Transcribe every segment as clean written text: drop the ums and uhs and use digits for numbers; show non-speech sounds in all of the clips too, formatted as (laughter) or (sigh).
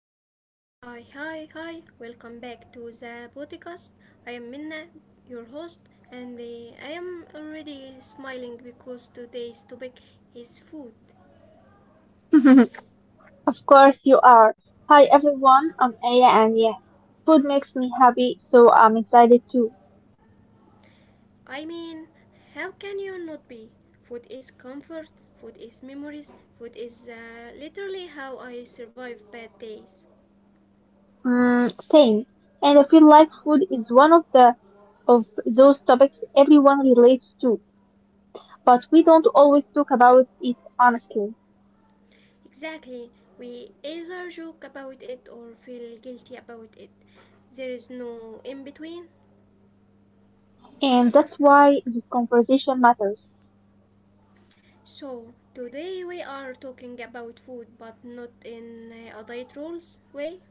Okay, hi, hi, hi, welcome back to the podcast. I am Minna, your host, and I am already smiling because today's topic is food. (laughs) Of course you are. Hi everyone, I'm Aya and yeah, food makes me happy, so I'm excited too. I mean, how can you not be? Food is comfort, food is memories, food is literally how I survive bad days. Mm, same. And I feel like food is one of the of those topics everyone relates to, but we don't always talk about it honestly. Exactly, we either joke about it or feel guilty about it. There is no in between. And that's why this conversation matters. So, today we are talking about food but not in a diet rules way.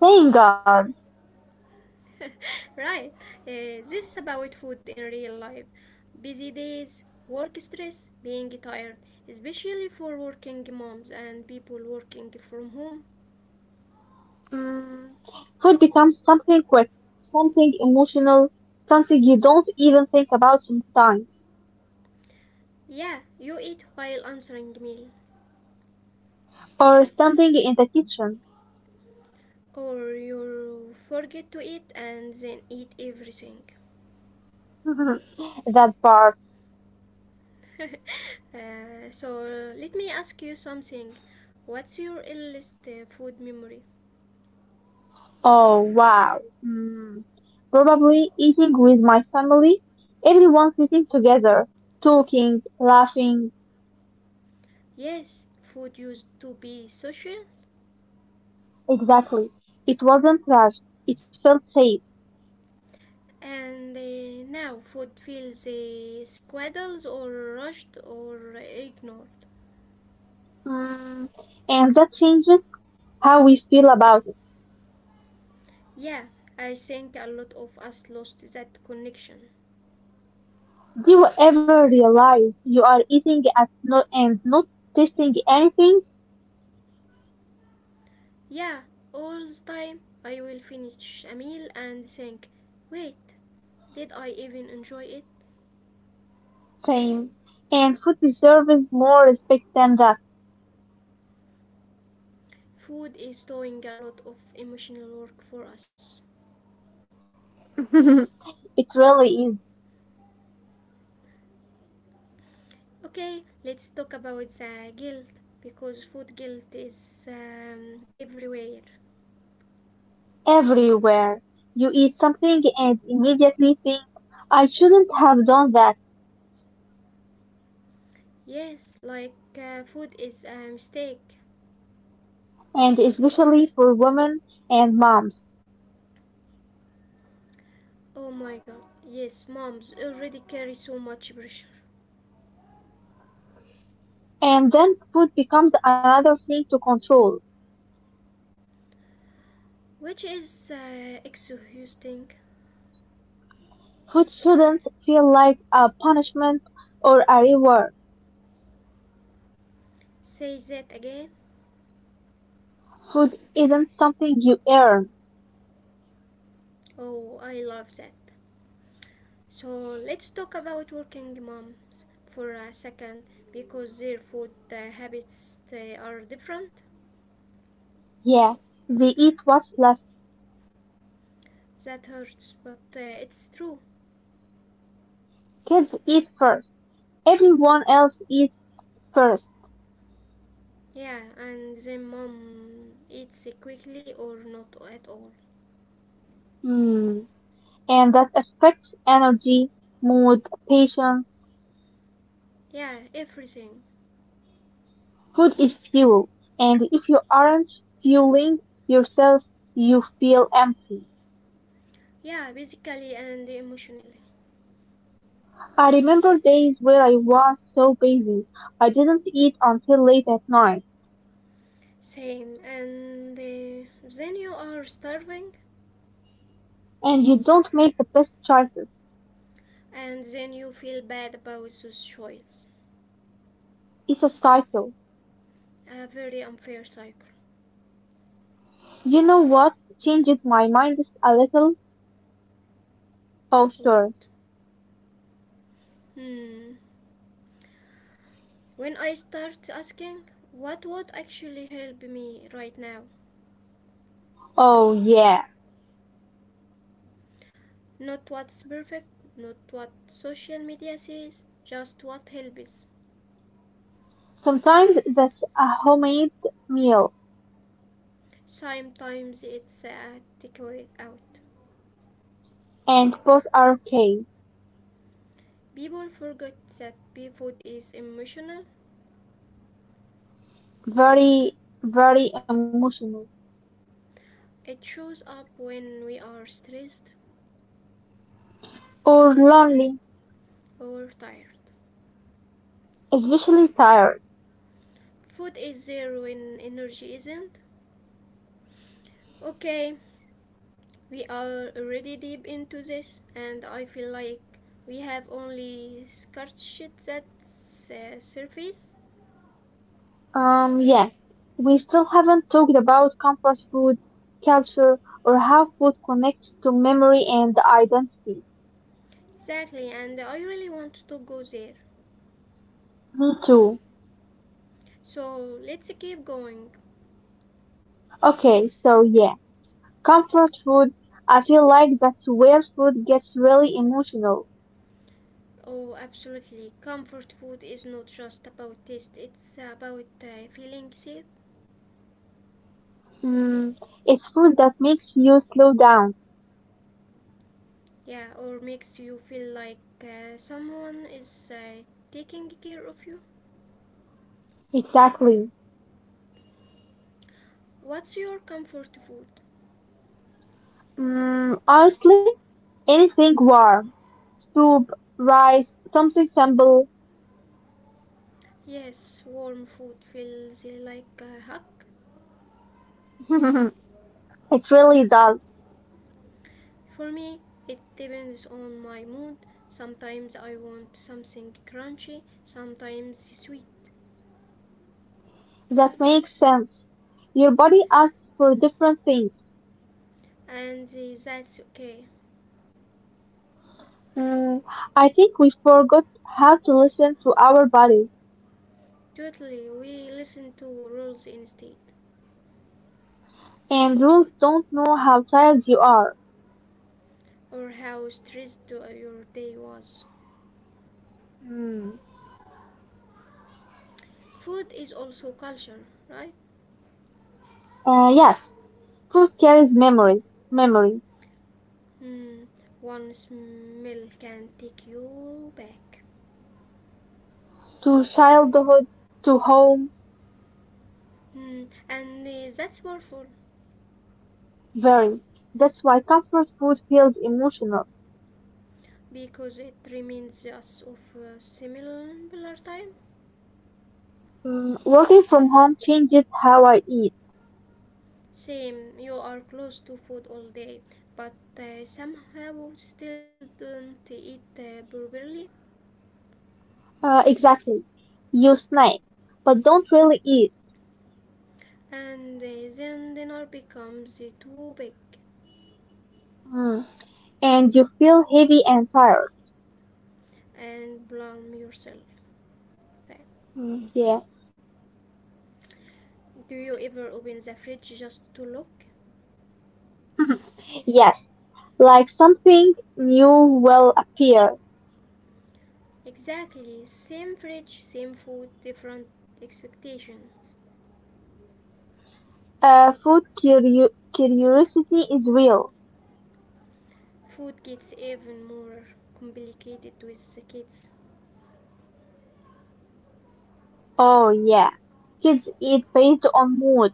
Thank God. (laughs) Right, this is about food in real life. Busy days, work stress, being tired, especially for working moms and people working from home. Mm, food becomes something quick, something emotional, something you don't even think about sometimes. Yeah, you eat while answering mail, Or standing in the kitchen. or you forget to eat and then eat everything. (laughs) That part. (laughs) So let me ask you something. What's your earliest food memory? Oh wow. Mm. Probably eating with my family. Everyone sitting together, talking, laughing. Yes, food used to be social, Exactly. It wasn't rushed. It felt safe. and now food feels squaddles or rushed or ignored. Mm. And that changes how we feel about it. Yeah, I think a lot of us lost that connection. Do you ever realize you are eating at no and not tasting anything? Yeah, all the time I will finish a meal and think, wait, did I even enjoy it? Same. And food deserves more respect than that. Food is doing a lot of emotional work for us. (laughs) It really is. Okay, let's talk about the guilt because food guilt is everywhere. Everywhere. You eat something and immediately think, I shouldn't have done that, Yes, like food is a mistake. and especially for women and moms. Oh my god, yes, moms already carry so much pressure, And then food becomes another thing to control. which is exhausting. Food shouldn't feel like a punishment or a reward. Say that again. Food isn't something you earn. Oh, I love that. So let's talk about working moms for a second because their food habits they are different. Yeah, they eat what's left. That hurts, but it's true. Kids eat first. Everyone else eats first. Yeah, and then mom eats quickly or not at all. Hmm. And that affects energy, mood, patience. Yeah, everything. Food is fuel, and if you aren't fueling yourself, you feel empty. Yeah, basically and emotionally. I remember days where I was so busy, I didn't eat until late at night, Same, and then you are starving, and you don't make the best choices. and then you feel bad about this choice. It's a cycle. A very unfair cycle. You know what changed my mind just a little? Oh, What? sure. Hmm. When I start asking, what would actually help me right now? Oh, yeah. Not what's perfect, not what social media says, just what helps. Sometimes that's a homemade meal, Sometimes it's a takeaway out. and both are okay. People forget that food is emotional. Very, very emotional It shows up when we are stressed or lonely, or tired. especially tired. Food is there when energy isn't. Okay, we are already deep into this, and I feel like we have only scratched that surface. Yeah, we still haven't talked about comfort food, culture, or how food connects to memory and identity. Exactly, and I really want to go there. Me too. So let's keep going. Okay, so yeah, comfort food, I feel like that's where food gets really emotional. Oh, absolutely. Comfort food is not just about taste, it's about feeling safe. Mm, it's food that makes you slow down. Yeah, or makes you feel like someone is taking care of you. Exactly. What's your comfort food? Mm, honestly, anything Hmm. warm, soup, rice, something simple. Yes, warm food feels like a hug. (laughs) It really does. For me, it depends on my mood. Sometimes I want something crunchy, sometimes sweet, That makes sense. Your body asks for different things. and that's okay. Mm, I think we forgot how to listen to our bodies, Totally, we listen to rules instead. and rules don't know how tired you are. Or how stressed your day was. Hmm. Food is also culture, right? Yes, food carries memories, memory Hmm. One smell can take you back. to childhood, to home, Hmm. And that's powerful very. That's why comfort food feels emotional. because it reminds us of a similar time. Mm, working from home changes how I eat. Same, you are close to food all day, but somehow still don't eat properly, Exactly. You snack, but don't really eat. and then dinner becomes too big. Mm. And you feel heavy and tired. And blame yourself. Okay. Mm, yeah. Do you ever open the fridge just to look? (laughs) Yes, like something new will appear. Exactly, same fridge, same food, different expectations. Uh, food curio- curiosity is real. Food gets even more complicated with the kids, Oh, yeah. Kids eat based on mood,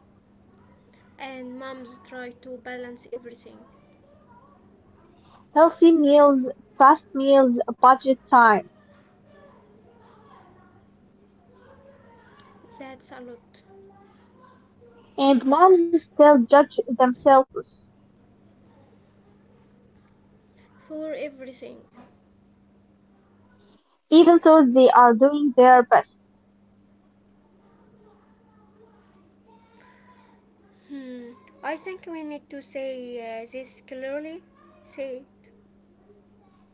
and moms try to balance everything. healthy meals, fast meals, budget time. That's a lot And moms still judge themselves, for everything. even though they are doing their best. Hmm. I think we need to say this clearly. Say,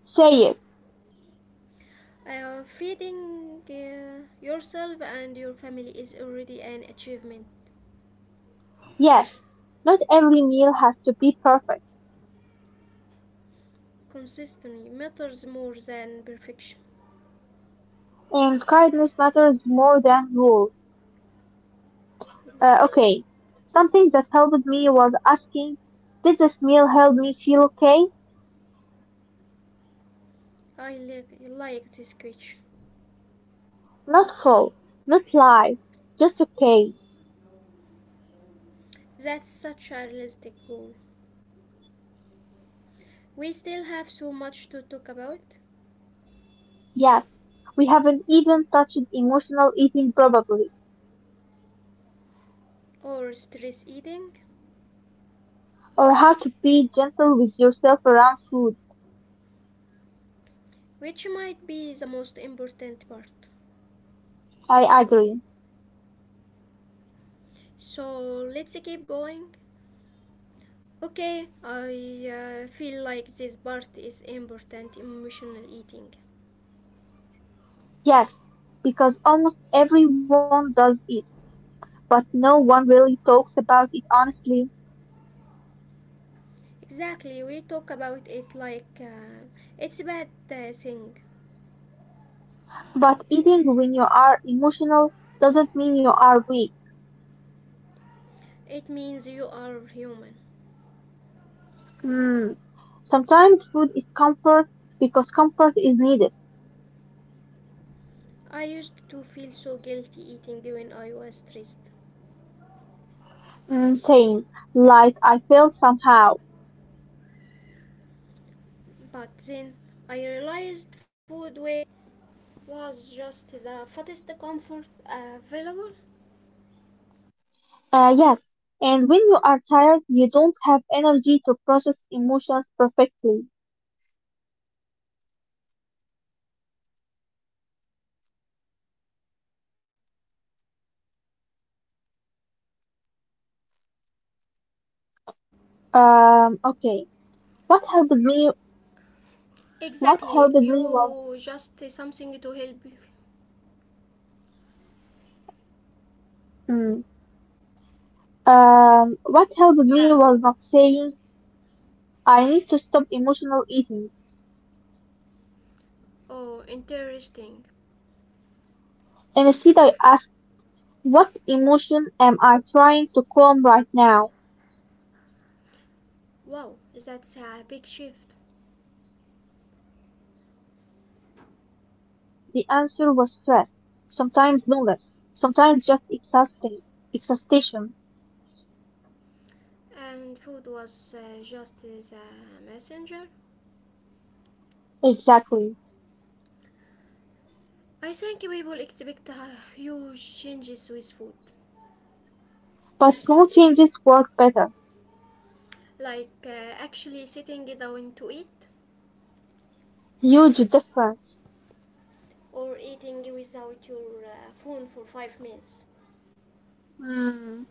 Say it. Feeding yourself and your family is already an achievement. Yes, not every meal has to be perfect, Consistency matters more than perfection. and kindness matters more than rules. Okay. Something that helped me was asking, did this meal help me feel okay? I like this question. Not full, not live, just okay. That's such a realistic goal. We still have so much to talk about, Yes. We haven't even touched emotional eating probably, or stress eating, or how to be gentle with yourself around food. which might be the most important part. I agree. So let's keep going. Okay, I feel like this part is important emotional eating. Yes, because almost everyone does it, but no one really talks about it honestly. Exactly, we talk about it like it's a bad thing. But eating when you are emotional doesn't mean you are weak. It means you are human. Mm. Sometimes food is comfort because comfort is needed. I used to feel so guilty eating when I was stressed, Mm, saying, like, I feel somehow. but then I realized food way was just the fattest comfort available. Yes, and when you are tired, you don't have energy to process emotions perfectly. Okay. What helped me? What helped Exactly, me was you just something to help. You. mm, what helped me Yeah, was oh, not saying I need to stop emotional eating. oh interesting. Instead, I asked, what emotion am I trying to calm right now? Wow, that's a big shift. Yes, sometimes the answer was stress, sometimes loneliness, sometimes just exhaustion. And food was just the messenger. Exactly. I think we will expect huge changes with food, But small changes work better. like actually sitting down to eat, Huge difference. or eating without your phone for 5 minutes, Hmm,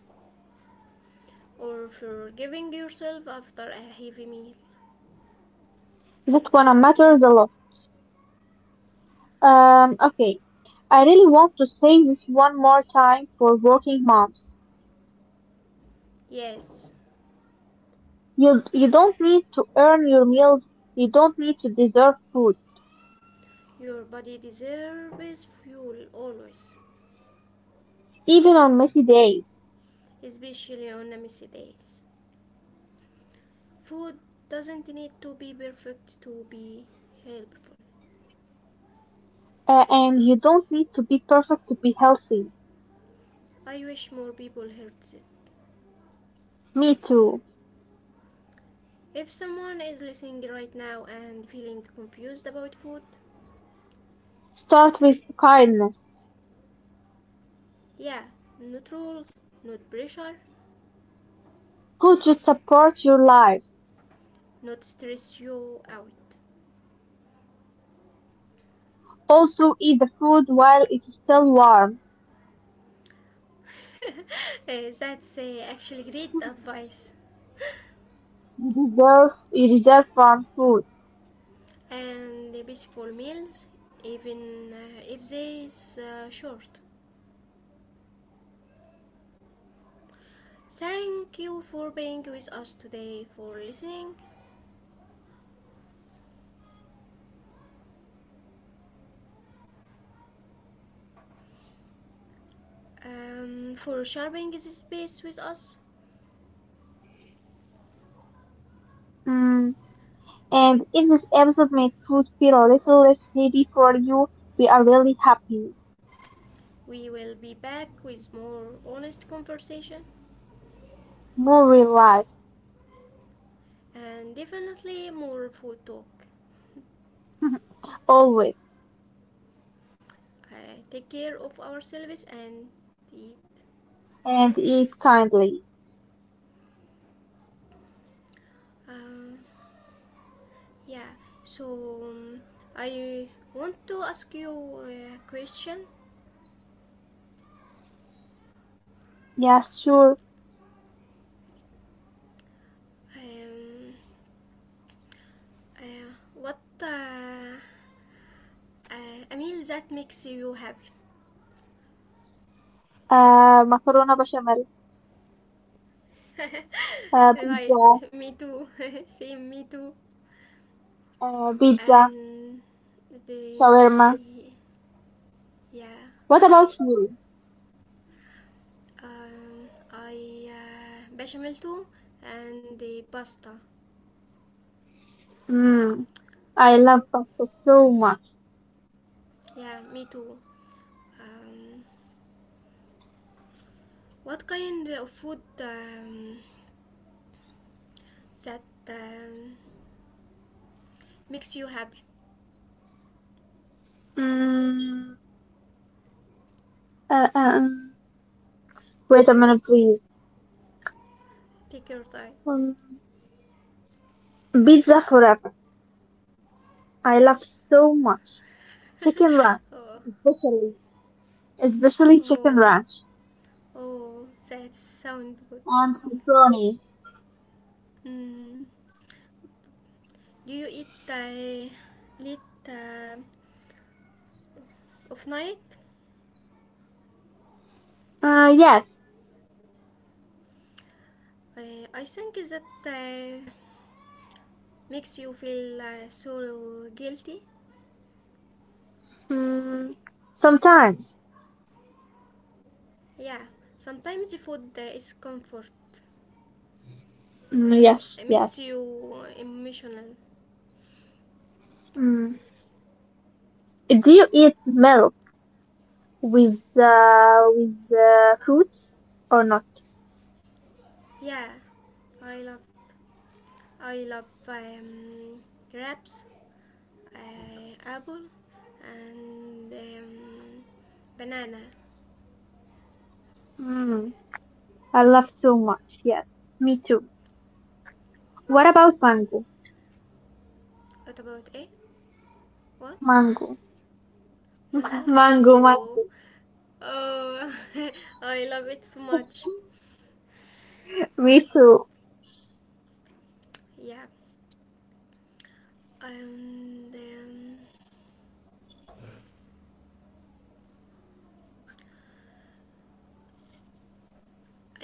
or forgiving yourself after a heavy meal. that one matters a lot. Okay. I really want to say this one more time for working moms. Yes, You don't need to earn your meals. You don't need to deserve food, your body deserves fuel always, even on messy days. especially on messy days. Food doesn't need to be perfect to be helpful. And you don't need to be perfect to be healthy. I wish more people heard this. Me too. If someone is listening right now and feeling confused about food, Start with kindness. yeah, not rules, not pressure, Food should support your life. not stress you out. Also, eat the food while it's still warm. (laughs) That's actually great advice. You deserve warm food. And beautiful meals, even if they is short. Thank you for being with us today, for listening, for sharing this space with us. Mm. And if this episode made food feel a little less heavy for you, we are really happy. We will be back with more honest conversation More real life. and definitely more food talk. (laughs) Always. Take care of ourselves and eat. And eat kindly. Um, yeah, so um, I want to ask you a question. Yes, sure. Um, what a meal that makes you happy? Macarona bechamel, Right, pizza, me too. (laughs) Same, me too. uh, pizza, And the shawarma. yeah, What about you? I bechamel too, and the pasta. Mm. I love pasta so much. Yeah, me too. Um, what kind of food that um, makes you happy? Mm, uh, uh, um, wait a minute, please. Take your time. Um, Pizza forever. I love so much. Chicken ranch, Oh, especially, especially chicken oh, ranch oh, that sounds good. and pepperoni. Mm. Do you eat late of night? Yes. I think that makes you feel so guilty. Mm, sometimes. Yeah, sometimes the food is comfort. Mm, yes, It yes. makes you emotional. Mm. Do you eat milk with fruits or not? Yeah, I love I love grapes, apple, and banana. Mm, I love so much. Yes, me too. What about mango? What about eh? What? Mango. Mango? Oh, Mango. oh! (laughs) I love it so much. Me too. Yeah, and um,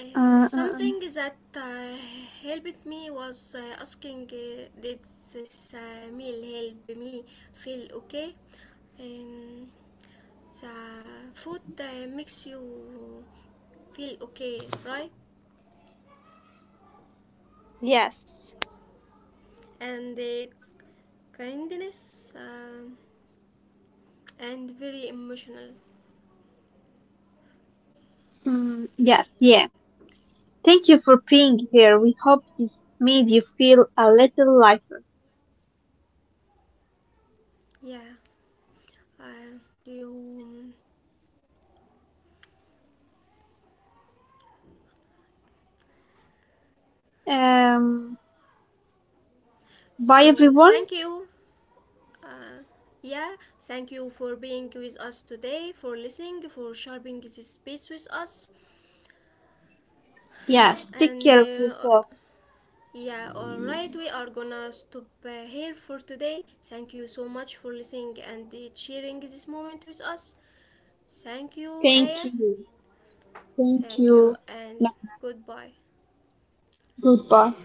uh, Uh, uh, something that helped me was asking, did this meal help me feel okay? Um, the food makes you feel okay, right? Yes. And the kindness and very emotional. Mm, yes, yeah. Thank you for being here. We hope this made you feel a little lighter. Yeah. Uh, you. Um, bye So everyone. thank you. Uh, yeah, thank you for being with us today, for listening, for sharing this space with us. Yes, take And care of yourself. yeah, all right, we are gonna stop here for today. Thank you so much for listening and sharing this moment with us. Thank you, Aya. Thank you. Thank Thank you, you. and Yeah, goodbye. goodbye.